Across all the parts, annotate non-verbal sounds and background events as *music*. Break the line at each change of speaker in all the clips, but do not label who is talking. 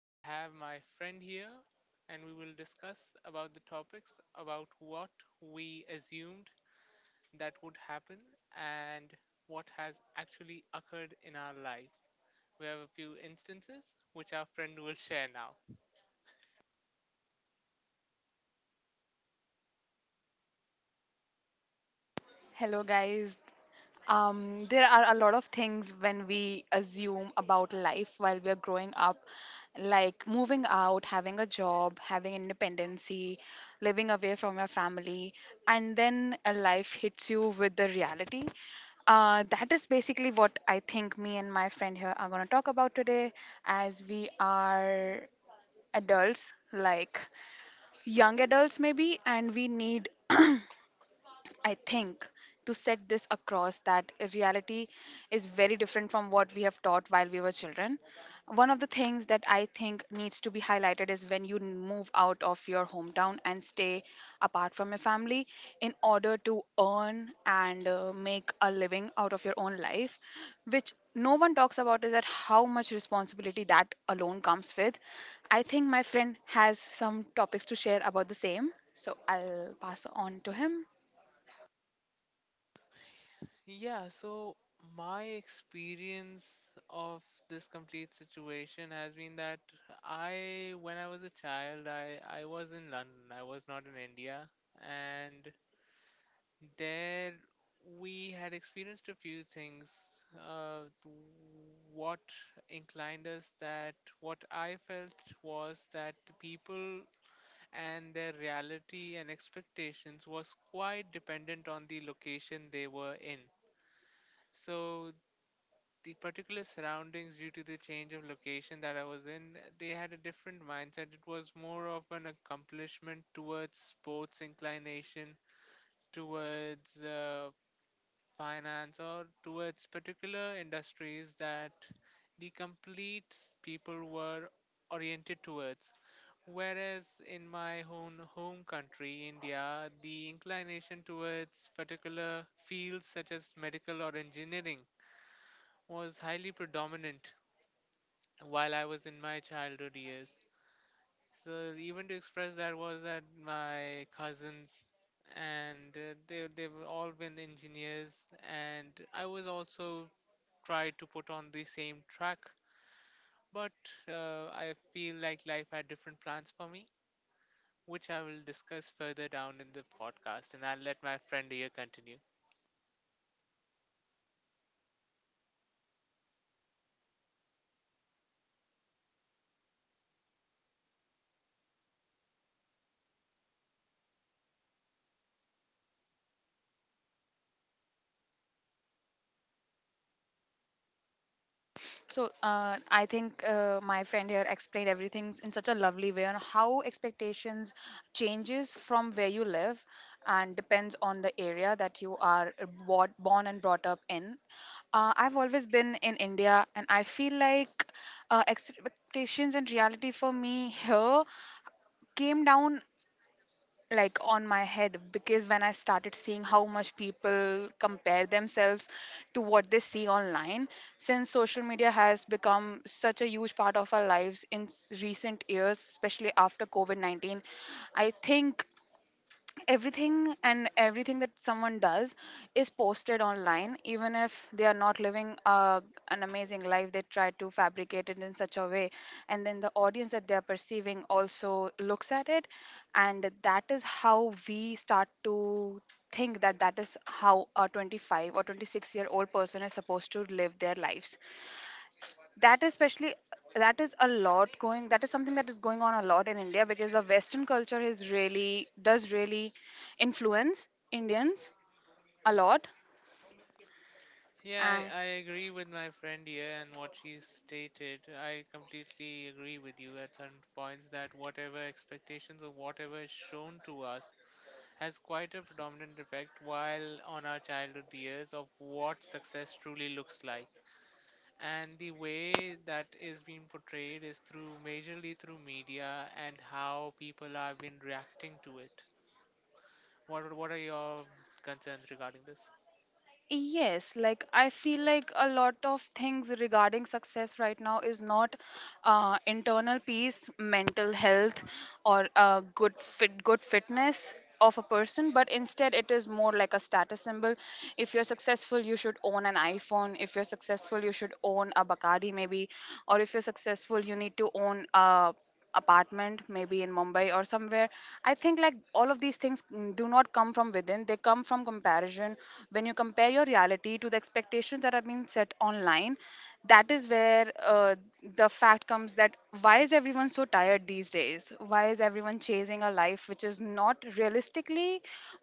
I have my friend here, and we will discuss about the topics about what we assumed that would happen and what has actually occurred in our life. We have a few instances which our friend will share now.
Hello, guys. There are a lot of things when we assume about life while we are growing up, like moving out, having a job, having independency, living away from your family, and then a life hits you with the reality. That is basically what I think me and my friend here are going to talk about today as we are adults, like young adults maybe, and we need, I think, to set this across that reality is very different from what we have taught while we were children. One of the things that I think needs to be highlighted is when you move out of your hometown and stay apart from your family in order to earn and make a living out of your own life, which no one talks about is that how much responsibility that alone comes with. I think my friend has some topics to share about the same, so I'll pass on to him.
Yeah, so my experience of this complete situation has been that when I was a child, I was in London. I was not in India. And there we had experienced a few things. Uh, what inclined us that what I felt was that the people and their reality and expectations was quite dependent on the location they were in. So the particular surroundings due to the change of location that I was in, they had a different mindset. It was more of an accomplishment towards sports inclination, towards finance, or towards particular industries that the complete people were oriented towards. Whereas in my own home country, India, the inclination towards particular fields such as medical or engineering was highly predominant while I was in my childhood years. So even to express that was that my cousins and they they've all been engineers and I was also tried to put on the same track, but I feel like life had different plans for me, which I will discuss further down in the podcast, and I'll let my friend here continue.
So I think my friend here explained everything in such a lovely way on how expectations changes from where you live and depends on the area that you are bought, born and brought up in. I've always been in India, and I feel like expectations and reality for me here came down like on my head, because when I started seeing how much people compare themselves to what they see online, since social media has become such a huge part of our lives in recent years, especially after COVID-19, I think everything and everything that someone does is posted online, even if they are not living an amazing life. They try to fabricate it in such a way, and then the audience that they are perceiving also looks at it, and that is how we start to think that that is how a 25 or 26-year-old person is supposed to live their lives. s- that is especially, that is a lot going, that is something that is going on a lot in India, because the western culture is really does really influence Indians a lot.
Yeah,
And
I agree with my friend here and what she stated. I completely agree with you at certain points that whatever expectations or whatever is shown to us has quite a predominant effect while on our childhood years of what success truly looks like. And the way that is being portrayed is through majorly through media and how people have been reacting to it. What are your concerns regarding this?
yes, like I feel like a lot of things regarding success right now is not internal peace, mental health, or good fitness of a person, but instead it is more like a status symbol. If you're successful, you should own an iPhone. If you're successful, you should own a Bacardi maybe, or if you're successful, you need to own a apartment maybe in Mumbai or somewhere. I think like all of these things, do not come from within. They come from comparison. When you compare your reality to the expectations that have been set online, that is where the fact comes that why is everyone so tired these days, why is everyone chasing a life which is not realistically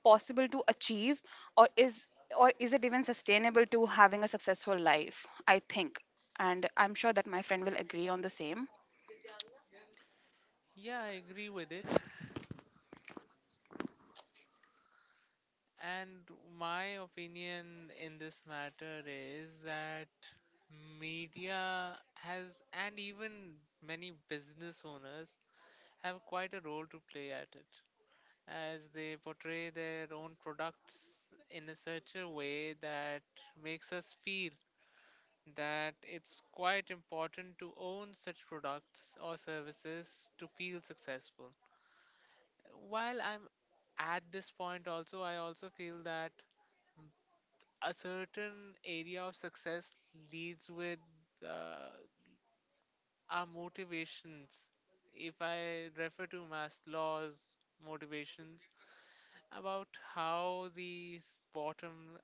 possible to achieve, or is or is it even sustainable to having a successful life? I think, and I'm sure that my friend will agree on the same.
Yeah, I agree with it. And my opinion in this matter is that media has, and even many business owners, have quite a role to play at it, as they portray their own products in a such a way that makes us feel that it's quite important to own such products or services to feel successful. While I'm at this point also, I also feel that a certain area of success leads with uh, our motivations. If I refer to Maslow's motivations about how this bottom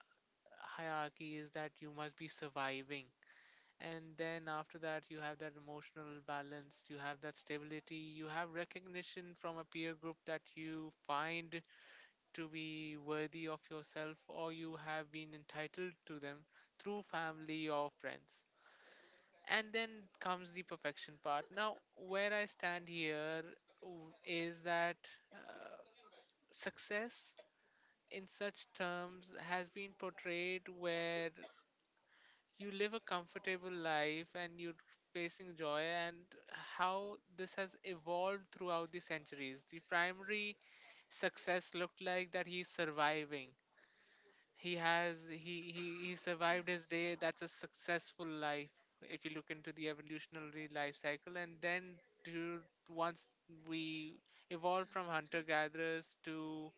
hierarchy is that you must be surviving. And then after that, you have that emotional balance, you have that stability, you have recognition from a peer group that you find to be worthy of yourself or you have been entitled to them through family or friends. And then comes the perfection part. Now, where I stand here is that uh, success in such terms has been portrayed where you live a comfortable life and you're facing joy and how this has evolved throughout the centuries the primary success looked like that he's surviving. He has he survived his day. That's a successful life if you look into the evolutionary life cycle. And then to once we evolved from hunter gatherers to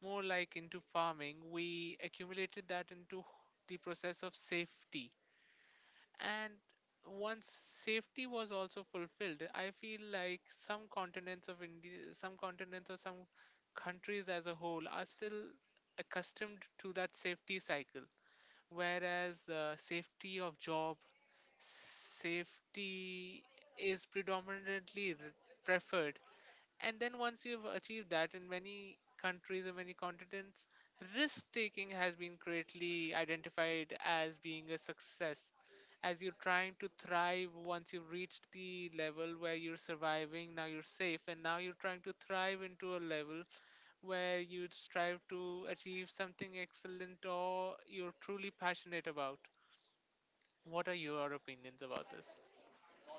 more like into farming, we accumulated that into the process of safety. And once safety was also fulfilled, I feel like some continents of India, some continents or some countries as a whole are still accustomed to that safety cycle whereas safety of job safety is predominantly preferred and then once you've achieved that in many countries or many continents risk taking has been greatly identified as being a success as you're trying to thrive once you've reached the level where you're surviving now you're safe and now you're trying to thrive into a level where you strive to achieve something excellent or you're truly passionate about. What are your opinions about this?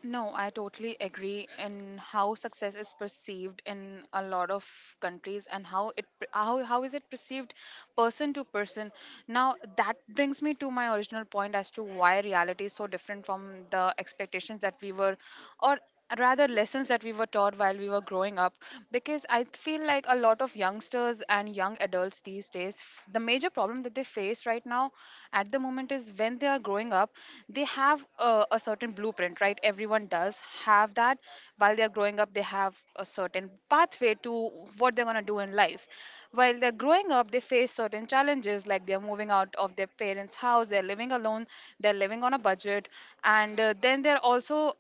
No, I totally agree in how success is perceived in a lot of countries, and how it, how is it perceived person to person. Now that brings me to my original point as to why reality is so different from the expectations that we were, or rather lessons that we were taught while we were growing up, because I feel like a lot of youngsters and young adults these days, the major problem that they face right now at the moment is when they are growing up, they have a certain blueprint, right? Everyone does have that. While they are growing up, they have a certain pathway to what they're going to do in life. While they're growing up, they face certain challenges, like they're moving out of their parents' house, they're living alone, they're living on a budget, and then they're also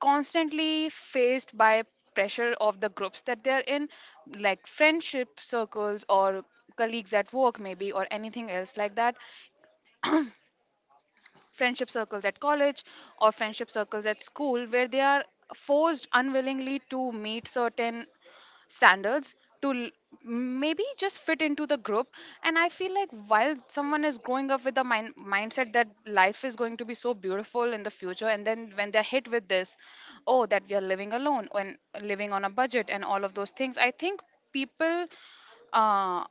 constantly faced by pressure of the groups that they're in, like friendship circles or colleagues at work maybe, or anything else like that. Friendship circles at college, or friendship circles at school, where they are forced unwillingly to meet certain standards to maybe just fit into the group. And I feel like while someone is growing up with the mindset that life is going to be so beautiful in the future, and then when they're hit with this, oh, that we are living alone and living on a budget and all of those things, I think people uh,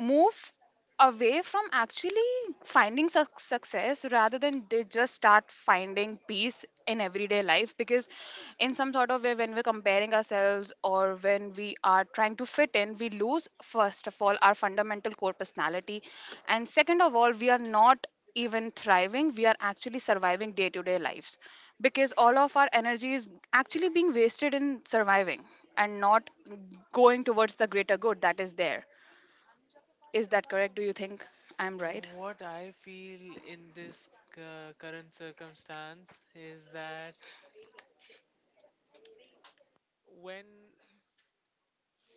move away from actually finding success, rather than they just start finding peace in everyday life, because in some sort of way, when we're comparing ourselves or when we are trying to fit in, we lose, first of all, our fundamental core personality, and second of all, we are not even thriving, we are actually surviving day to day lives, because all of our energy is actually being wasted in surviving and not going towards the greater good that is there. Is that correct? Do you think I'm right?
What I feel in this current circumstance is that when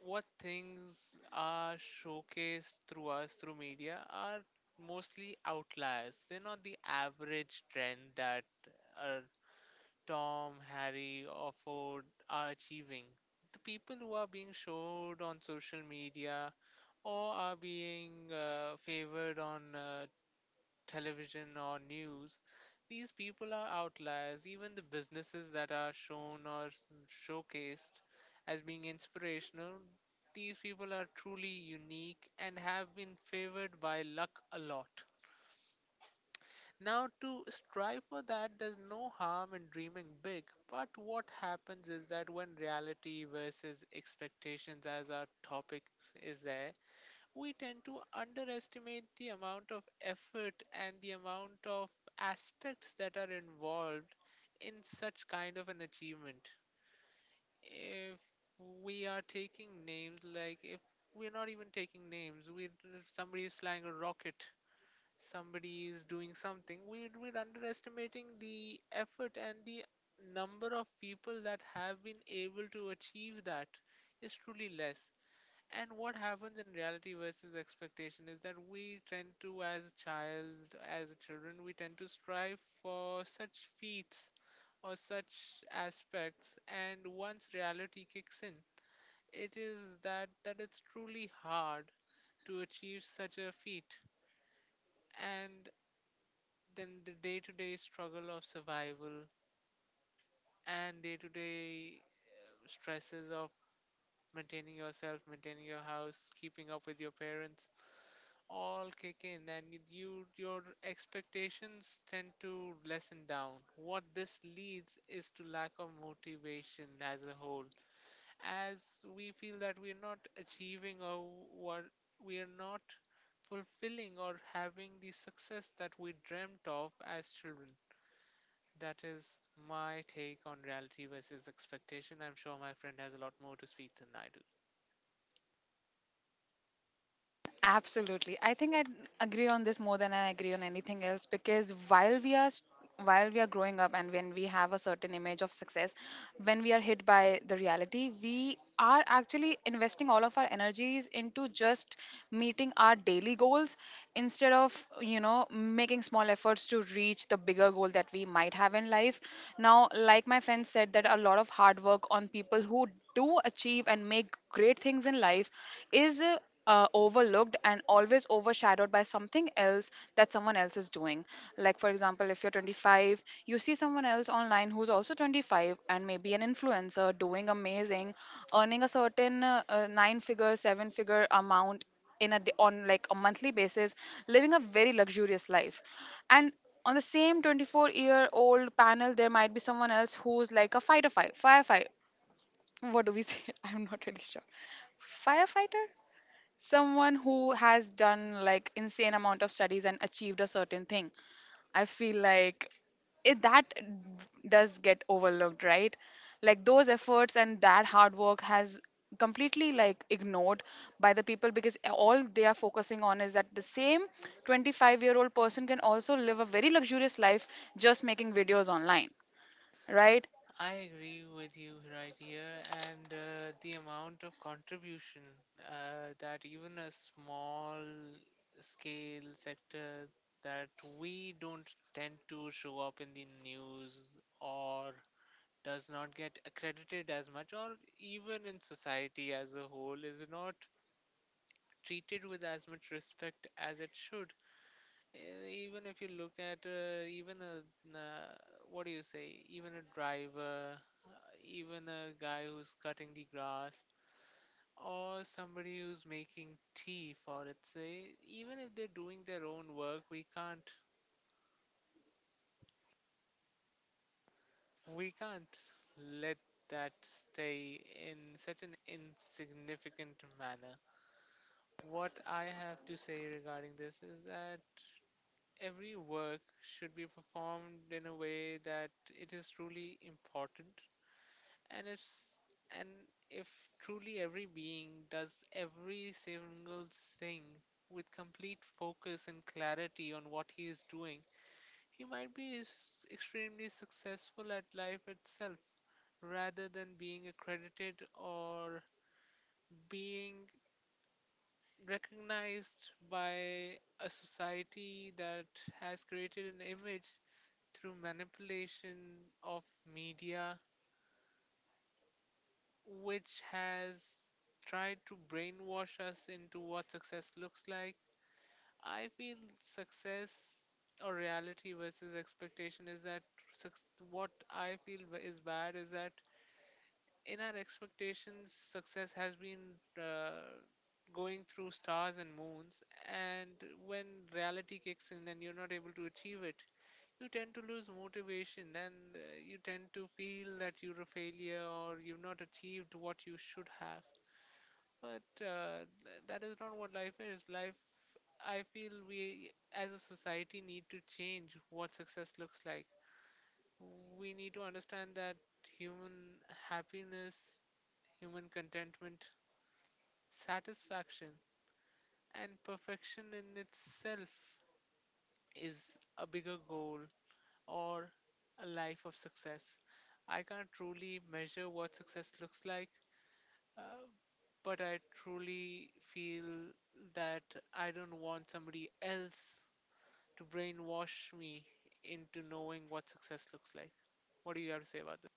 what things are showcased through us through media are mostly outliers. They're not the average trend that uh, Tom, Harry, or Ford are achieving. The people who are being showed on social media or are being favored on television or news, these people are outliers. Even the businesses that are shown or showcased as being inspirational, these people are truly unique and have been favored by luck a lot. Now, to strive for that, there's no harm in dreaming big, but what happens is that when reality versus expectations as our topic is there, we tend to underestimate the amount of effort and the amount of aspects that are involved in such kind of an achievement. If we are taking names, like if we're not even taking names, we if somebody is flying a rocket, somebody is doing something, we're underestimating the effort and the number of people that have been able to achieve that is truly less. And what happens in reality versus expectation is that we tend to, as a child, as a children, we tend to strive for such feats or such aspects. And once reality kicks in, it is that it's truly hard to achieve such a feat. And then the day-to-day struggle of survival and day-to-day stresses of maintaining yourself, maintaining your house, keeping up with your parents, all kick in, and you your expectations tend to lessen down. What this leads is to lack of motivation as a whole, as we feel that we are not achieving or what we are not fulfilling or having the success that we dreamt of as children. That is my take on reality versus expectation. I'm sure my friend has a lot more to speak than I do.
Absolutely. I think I agree on this more than I agree on anything else, because while we are growing up, and when we have a certain image of success, when we are hit by the reality, we are actually investing all of our energies into just meeting our daily goals, instead of, you know, making small efforts to reach the bigger goal that we might have in life. Now, like my friend said, that a lot of hard work on people who do achieve and make great things in life is overlooked and always overshadowed by something else that someone else is doing. Like, for example, if you're 25, you see someone else online who's also 25 and maybe an influencer doing amazing, earning a certain nine figure, seven figure amount on like a monthly basis, living a very luxurious life. And on the same 24-year-old panel, there might be someone else who's like a firefighter. What do we say? *laughs* I'm not really sure. Firefighter. Someone who has done like insane amount of studies and achieved a certain thing. I feel like it that does get overlooked, right? Like, those efforts and that hard work has completely like ignored by the people, because all they are focusing on is that the same 25-year-old person can also live a very luxurious life just making videos online, right?
I agree with you right here, and the amount of contribution that even a small scale sector that we don't tend to show up in the news or does not get accredited as much, or even in society as a whole, is not treated with as much respect as it should. Even if you look at even a uh, what do you say? Even a driver, even a guy who's cutting the grass, or somebody who's making tea for it. Say, even if they're doing their own work, we can't let that stay in such an insignificant manner. What I have to say regarding this is that every work should be performed in a way that it is truly important and if s- and if truly every being does every single thing with complete focus and clarity on what he is doing he might be extremely successful at life itself rather than being accredited or being recognized by a society that has created an image through manipulation of media, which has tried to brainwash us into what success looks like. I feel success or reality versus expectation is that suc- what I feel is bad is that in our expectations, success has been going through stars and moons, and when reality kicks in, then you're not able to achieve it. You tend to lose motivation and you tend to feel that you're a failure or you've not achieved what you should have. But that is not what life is. Life, I feel we as a society need to change what success looks like. We need to understand that human happiness, human contentment, satisfaction, and perfection in itself is a bigger goal or a life of success. I can't truly measure what success looks like, uh, but I truly feel that I don't want somebody else to brainwash me into knowing what success looks like. What do you have to say about this?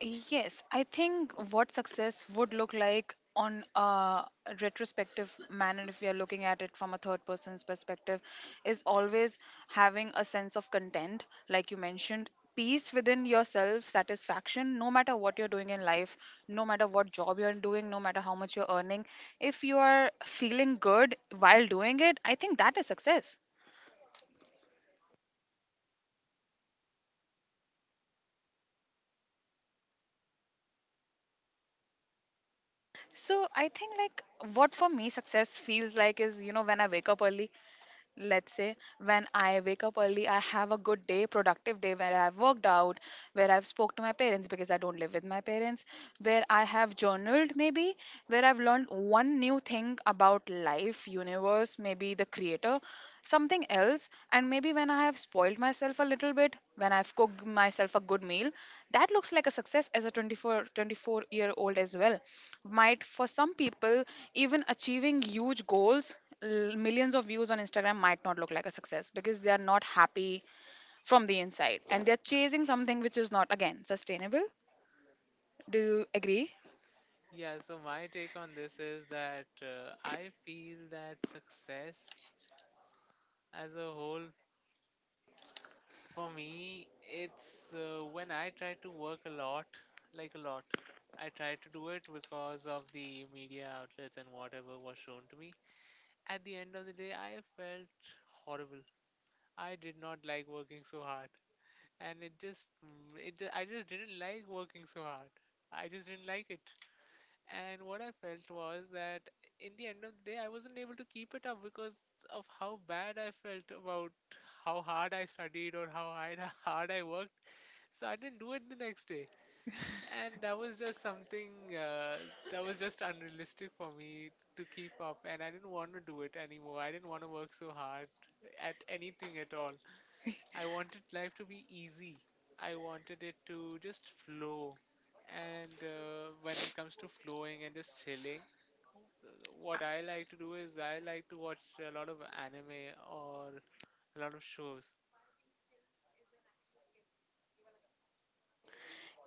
Yes, I think what success would look like on a retrospective manner, if we are looking at it from a third person's perspective, is always having a sense of content, like you mentioned, peace within yourself, satisfaction, no matter what you're doing in life, no matter what job you're doing, no matter how much you're earning. If you are feeling good while doing it, I think that is success. So I think, like, what for me success feels like is, you know, when I wake up early, let's say when I wake up early, I have a good day, productive day, where I've worked out, where I've spoke to my parents because I don't live with my parents, where I have journaled maybe, where I've learned one new thing about life, universe, maybe the creator, something else, and maybe when I have spoiled myself a little bit, when I've cooked myself a good meal, that looks like a success as a 24 year old as well, might for some people even achieving huge goals, millions of views on Instagram might not look like a success, because they are not happy from the inside and they're chasing something which is not again sustainable. Do you agree?
Yeah, so my take on this is that I feel that success as a whole, for me, it's when I try to work a lot, like a lot. I tried to do it because of the media outlets and whatever was shown to me. At the end of the day, I felt horrible. I did not like working so hard, and it just, mm, it just, I just didn't like working so hard. I just didn't like it. And what I felt was that in the end of the day, I wasn't able to keep it up because of how bad I felt about how hard I studied or how hard *laughs* hard I worked. So I didn't do it the next day. And that was just something that was just unrealistic for me to keep up, and I didn't want to do it anymore. I didn't want to work so hard at anything at all. I wanted life to be easy. I wanted it to just flow. And when it comes to flowing and just chilling, uh, what I like to do is I like to watch a lot of anime or a lot of shows.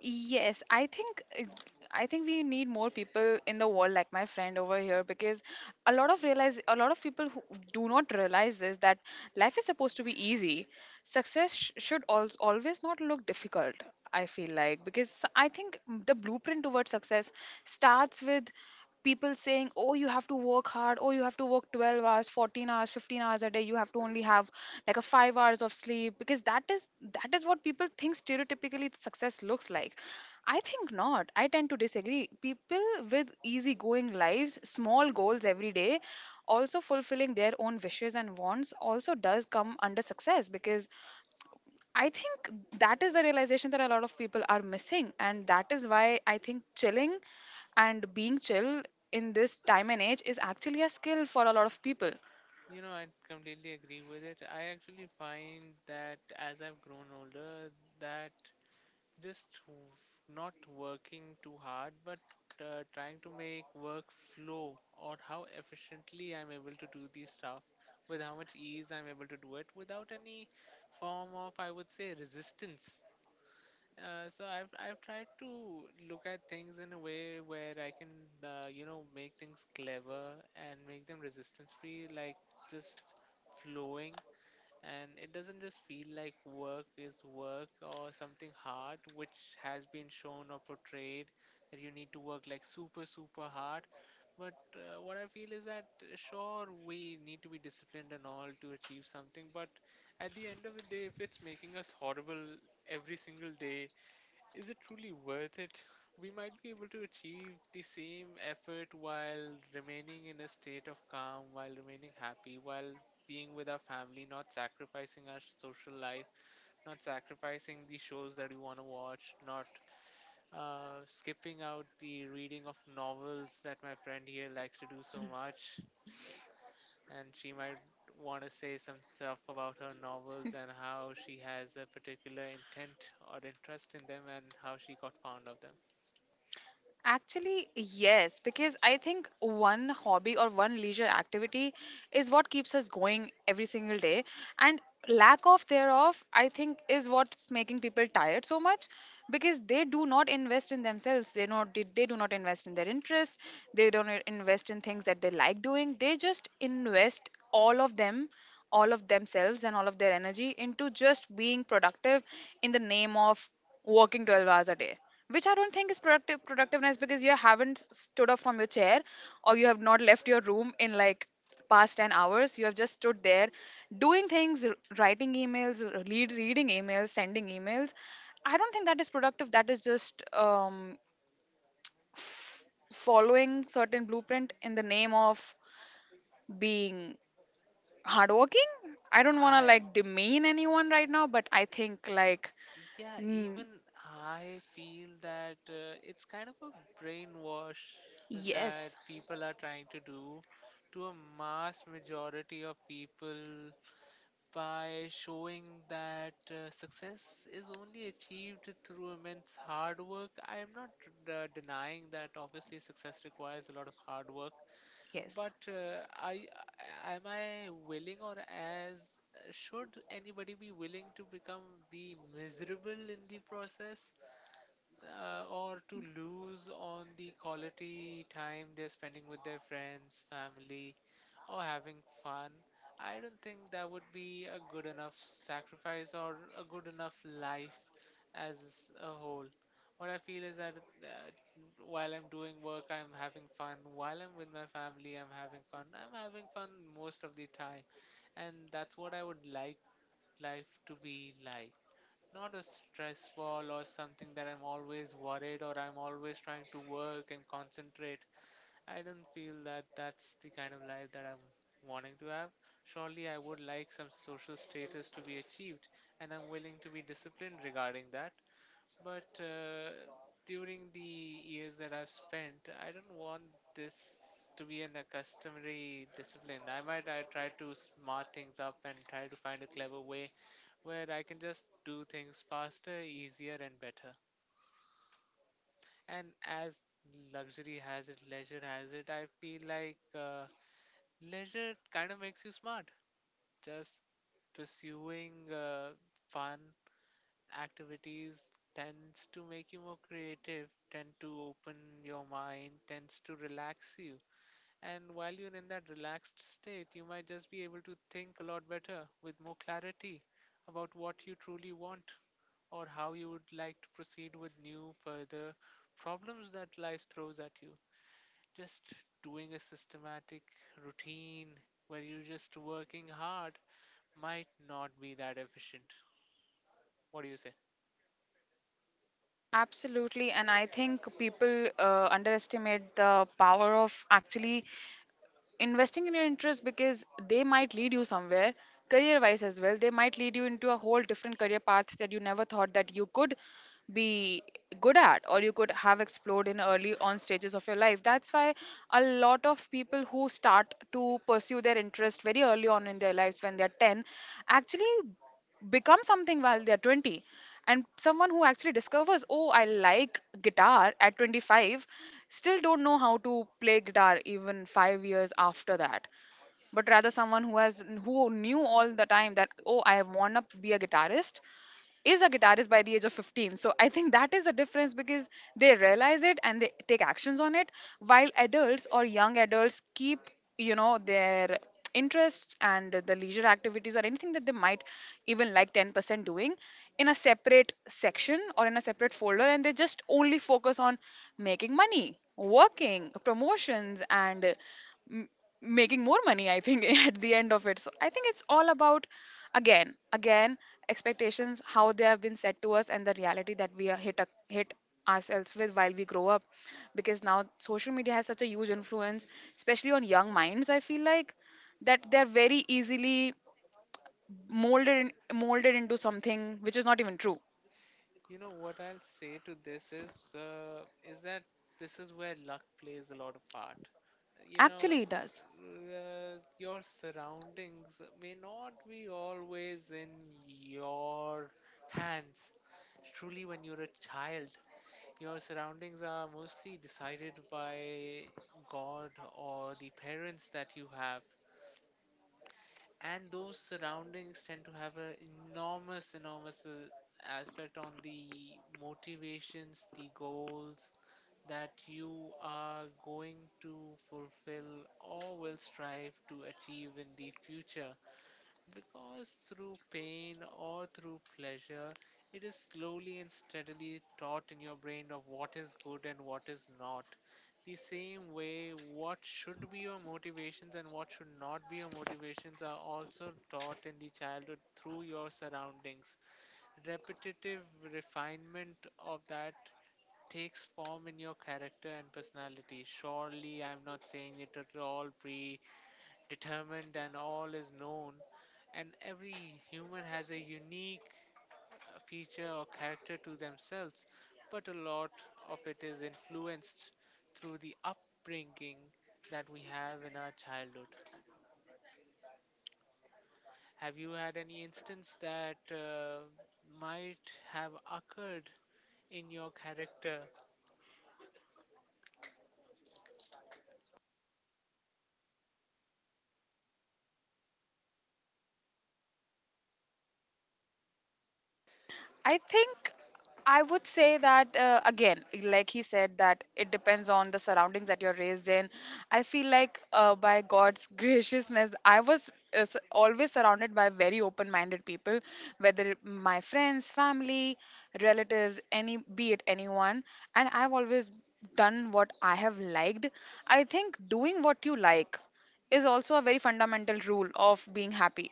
Yes, I think we need more people in the world like my friend over here, because a lot of people who do not realize this, that life is supposed to be easy. Success should always not look difficult. I feel like, because I think the blueprint towards success starts with people saying, oh, you have to work hard, oh, you have to work 12 hours, 14 hours, 15 hours a day, you have to only have like a 5 hours of sleep, because that is what people think stereotypically success looks like. I think not. I tend to disagree. People with easygoing lives, small goals every day, also fulfilling their own wishes and wants, also does come under success, because I think that is the realization that a lot of people are missing. And that is why I think chilling and being chill in this time and age is actually a skill for a lot of people.
You know, I completely agree with it. I actually find that as I've grown older, that just w- not working too hard, but trying to make work flow or how efficiently I'm able to do these stuff, with how much ease I'm able to do it without any form of, I would say, resistance. So I've tried to look at things in a way where I can, make things clever and make them resistance free, like just flowing, and it doesn't just feel like work is work or something hard, which has been shown or portrayed that you need to work like super, super hard. But what I feel is that, sure, we need to be disciplined and all to achieve something, but at the end of the day, if it's making us horrible every single day, is it truly worth it? We might be able to achieve the same effort while remaining in a state of calm, while remaining happy, while being with our family, not sacrificing our social life, not sacrificing the shows that we want to watch, not skipping out the reading of novels that my friend here likes to do so much. And she might want to say some stuff about her novels and how she has a particular intent or interest in them and how she got fond of them.
Actually, yes, because I think one hobby or one leisure activity is what keeps us going every single day. And lack of thereof, I think, is what's making people tired so much because they do not invest in themselves. They do not invest in their interests. They don't invest in things that they like doing. They just invest all of themselves and all of their energy into just being productive in the name of working 12 hours a day, which I don't think is productiveness because you haven't stood up from your chair, or you have not left your room in, like, past 10 hours. You have just stood there doing things, writing emails, reading emails, sending emails. I don't think that is productive. That is just following certain blueprint in the name of being hardworking. I don't want to,
I
like, demean anyone right now, but I think, like,
Yeah,
mm,
even I feel that it's kind of a brainwash that
yes,
people are trying to do to a mass majority of people by showing that, success is only achieved through immense hard work. I am not denying that obviously success requires a lot of hard work,
yes.
but I am I willing, or as should anybody be willing to become be miserable in the process? Or to lose on the quality time they're spending with their friends, family, or having fun? I don't think that would be a good enough sacrifice or a good enough life as a whole. What I feel is that, uh, while I'm doing work, I'm having fun. While I'm with my family, I'm having fun. I'm having fun most of the time. And that's what I would like life to be like, not a stress ball or something that I'm always worried or I'm always trying to work and concentrate. I don't feel that that's the kind of life that I'm wanting to have. Surely I would like some social status to be achieved, and I'm willing to be disciplined regarding that. But during the years that I've spent, I don't want this to be an accustomary discipline. I try to smart things up and try to find a clever way where I can just do things faster, easier, and better. And as luxury has it, leisure has it, I feel like, leisure kind of makes you smart. Just pursuing fun activities tends to make you more creative, tend to open your mind, tends to relax you. And while you're in that relaxed state, you might just be able to think a lot better with more clarity about what you truly want, or how you would like to proceed with new further problems that life throws at you. Just doing a systematic routine where you're just working hard might not be that efficient. What do you say?
Absolutely, and I think people underestimate the power of actually investing in your interest because they might lead you somewhere career wise as well. They might lead you into a whole different career path that you never thought that you could be good at or you could have explored in early on stages of your life. That's why a lot of people who start to pursue their interest very early on in their lives when they're 10 actually become something while they're 20, and someone who actually discovers, oh, I like guitar at 25 still don't know how to play guitar even 5 years after that. But rather someone who has who knew all the time that, oh, I want to be a guitarist is a guitarist by the age of 15. So I think that is the difference, because they realize it and they take actions on it, while adults or young adults keep, you know, their interests and the leisure activities or anything that they might even like 10% doing in a separate section or in a separate folder, and they just only focus on making money, working promotions, and mm, making more money, I think, *laughs* at the end of it. So I think it's all about, again, expectations, how they have been set to us, and the reality that we hit ourselves with while we grow up. Because now social media has such a huge influence, especially on young minds, I feel like, that they're very easily molded into something which is not even true.
You know what I'll say to this is, is that this is where luck plays a lot of part. You know,
Actually, it does.
your surroundings may not be always in your hands. Truly, when you're a child, your surroundings are mostly decided by God or the parents that you have, and those surroundings tend to have an enormous, enormous aspect on the motivations, the goals that you are going to fulfill or will strive to achieve in the future. Because through pain or through pleasure, it is slowly and steadily taught in your brain of what is good and what is not. The same way, what should be your motivations and what should not be your motivations are also taught in the childhood through your surroundings. Repetitive refinement of that takes form in your character and personality. Surely, I'm not saying it at all pre determined and all is known, and every human has a unique uh, feature or character to themselves, but a lot of it is influenced through the upbringing that we have in our childhood. Have you had any instance that might have occurred in your character?
I think I would say that, again, like he said, that it depends on the surroundings that you're raised in. I feel like, by God's *laughs* graciousness, I was always surrounded by very open minded people, my friends, family, relatives, any be it anyone. And I've always done what I have liked. I think doing what you like is also a very fundamental rule of being happy.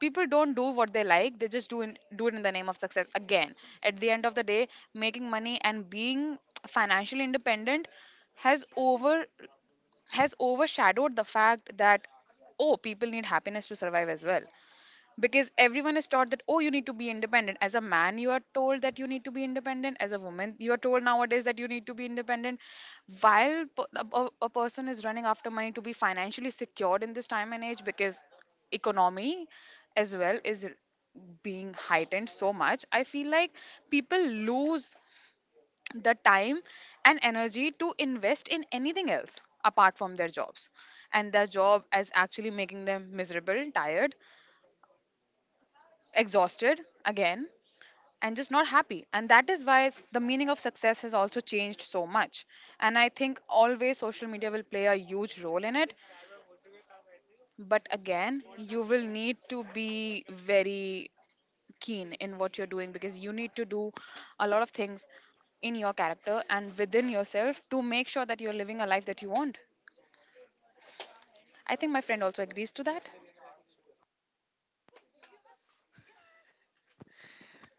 People don't do what they like. They just do it in the name of success again. At the end of the day, making money and being financially independent has over has overshadowed the fact that, oh, people need happiness to survive as well. Because everyone is taught that, oh, you need to be independent. As a man, you are told that you need to be independent. As a woman, you are told nowadays that you need to be independent, while a person is running after money to be financially secured in this time and age. Because economy as well being heightened so much, I feel like people lose the time and energy to invest in anything else apart from their jobs. And their job is actually making them miserable, tired, exhausted again, and just not happy. And that is why the meaning of success has also changed so much. And I think always social media will play a huge role in it. But again, you will need to be very keen in what you're doing, because you need to do a lot of things in your character and within yourself to make sure that you're living a life that you want. I think my friend also agrees to that.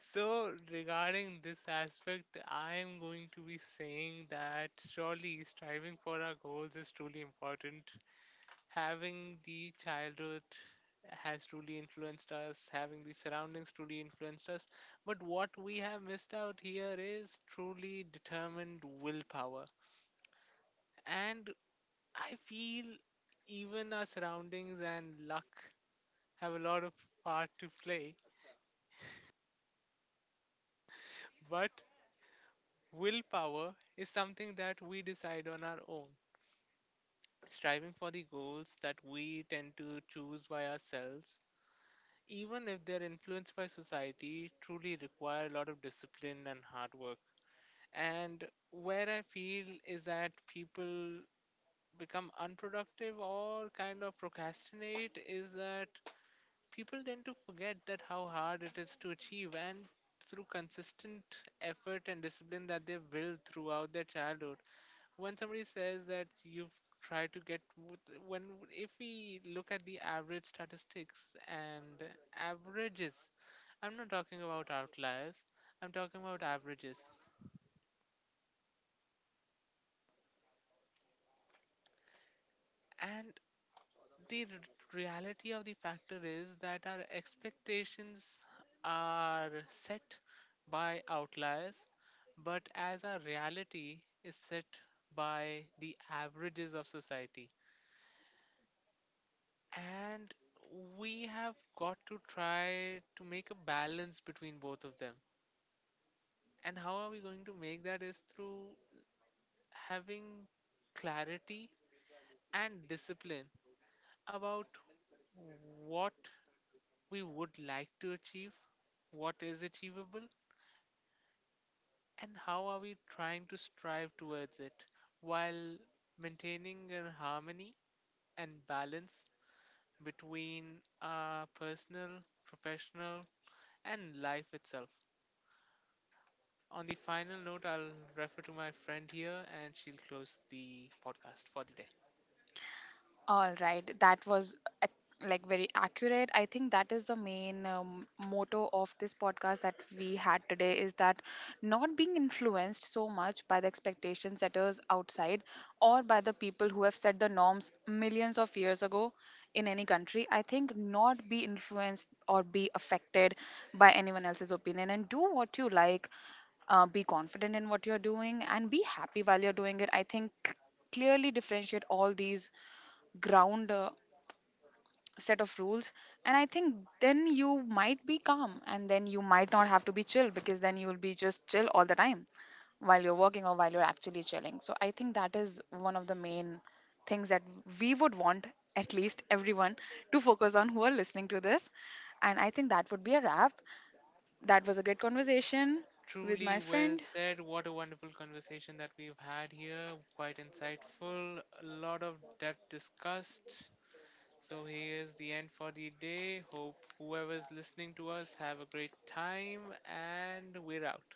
So regarding this aspect, I am going to be saying that surely striving for our goals is truly important. Having the childhood has truly influenced us, having the surroundings truly influenced us. But what we have missed out here is truly determined willpower. And I feel even our surroundings and luck have a lot of part to play. But willpower is something that we decide on our own. Striving for the goals that we tend to choose by ourselves, even if they're influenced by society, truly require a lot of discipline and hard work. And where I feel is that people become unproductive or kind of procrastinate is that people tend to forget that how hard it is to achieve, and through consistent effort and discipline that they've built throughout their childhood, when somebody says that you've tried to get with- when if we look at the average statistics and averages, I'm not talking about outliers, I'm talking about averages. And the reality of the factor is that our expectations are set by outliers, but as our reality is set by the averages of society. And we have got to try to make a balance between both of them. And how are we going to make that is through having clarity and discipline about what we would like to achieve, what is achievable, and how are we trying to strive towards it while maintaining a harmony and balance between our personal, professional, and life itself. On the final note, I'll refer to my friend here and she'll close the podcast for the day.
All right, that was like very accurate. I think that is the main motto of this podcast that we had today, is that not being influenced so much by the expectation setters outside or by the people who have set the norms millions of years ago in any country. I think not be influenced or be affected by anyone else's opinion and do what you like, be confident in what you're doing, and be happy while you're doing it. I think clearly differentiate all these ground set of rules. And I think then you might be calm, and then you might not have to be chill, because then you will be just chill all the time while you're working or while you're actually chilling. So I think that is one of the main things that we would want at least everyone to focus on, who are listening to this. And I think that would be a wrap. That was a good conversation with
Truly
my
well
friend.
said. What a wonderful conversation that we've had here. Quite insightful. A lot of depth discussed. So here is the end for the day. Hope whoever's listening to us have a great time, and we're out.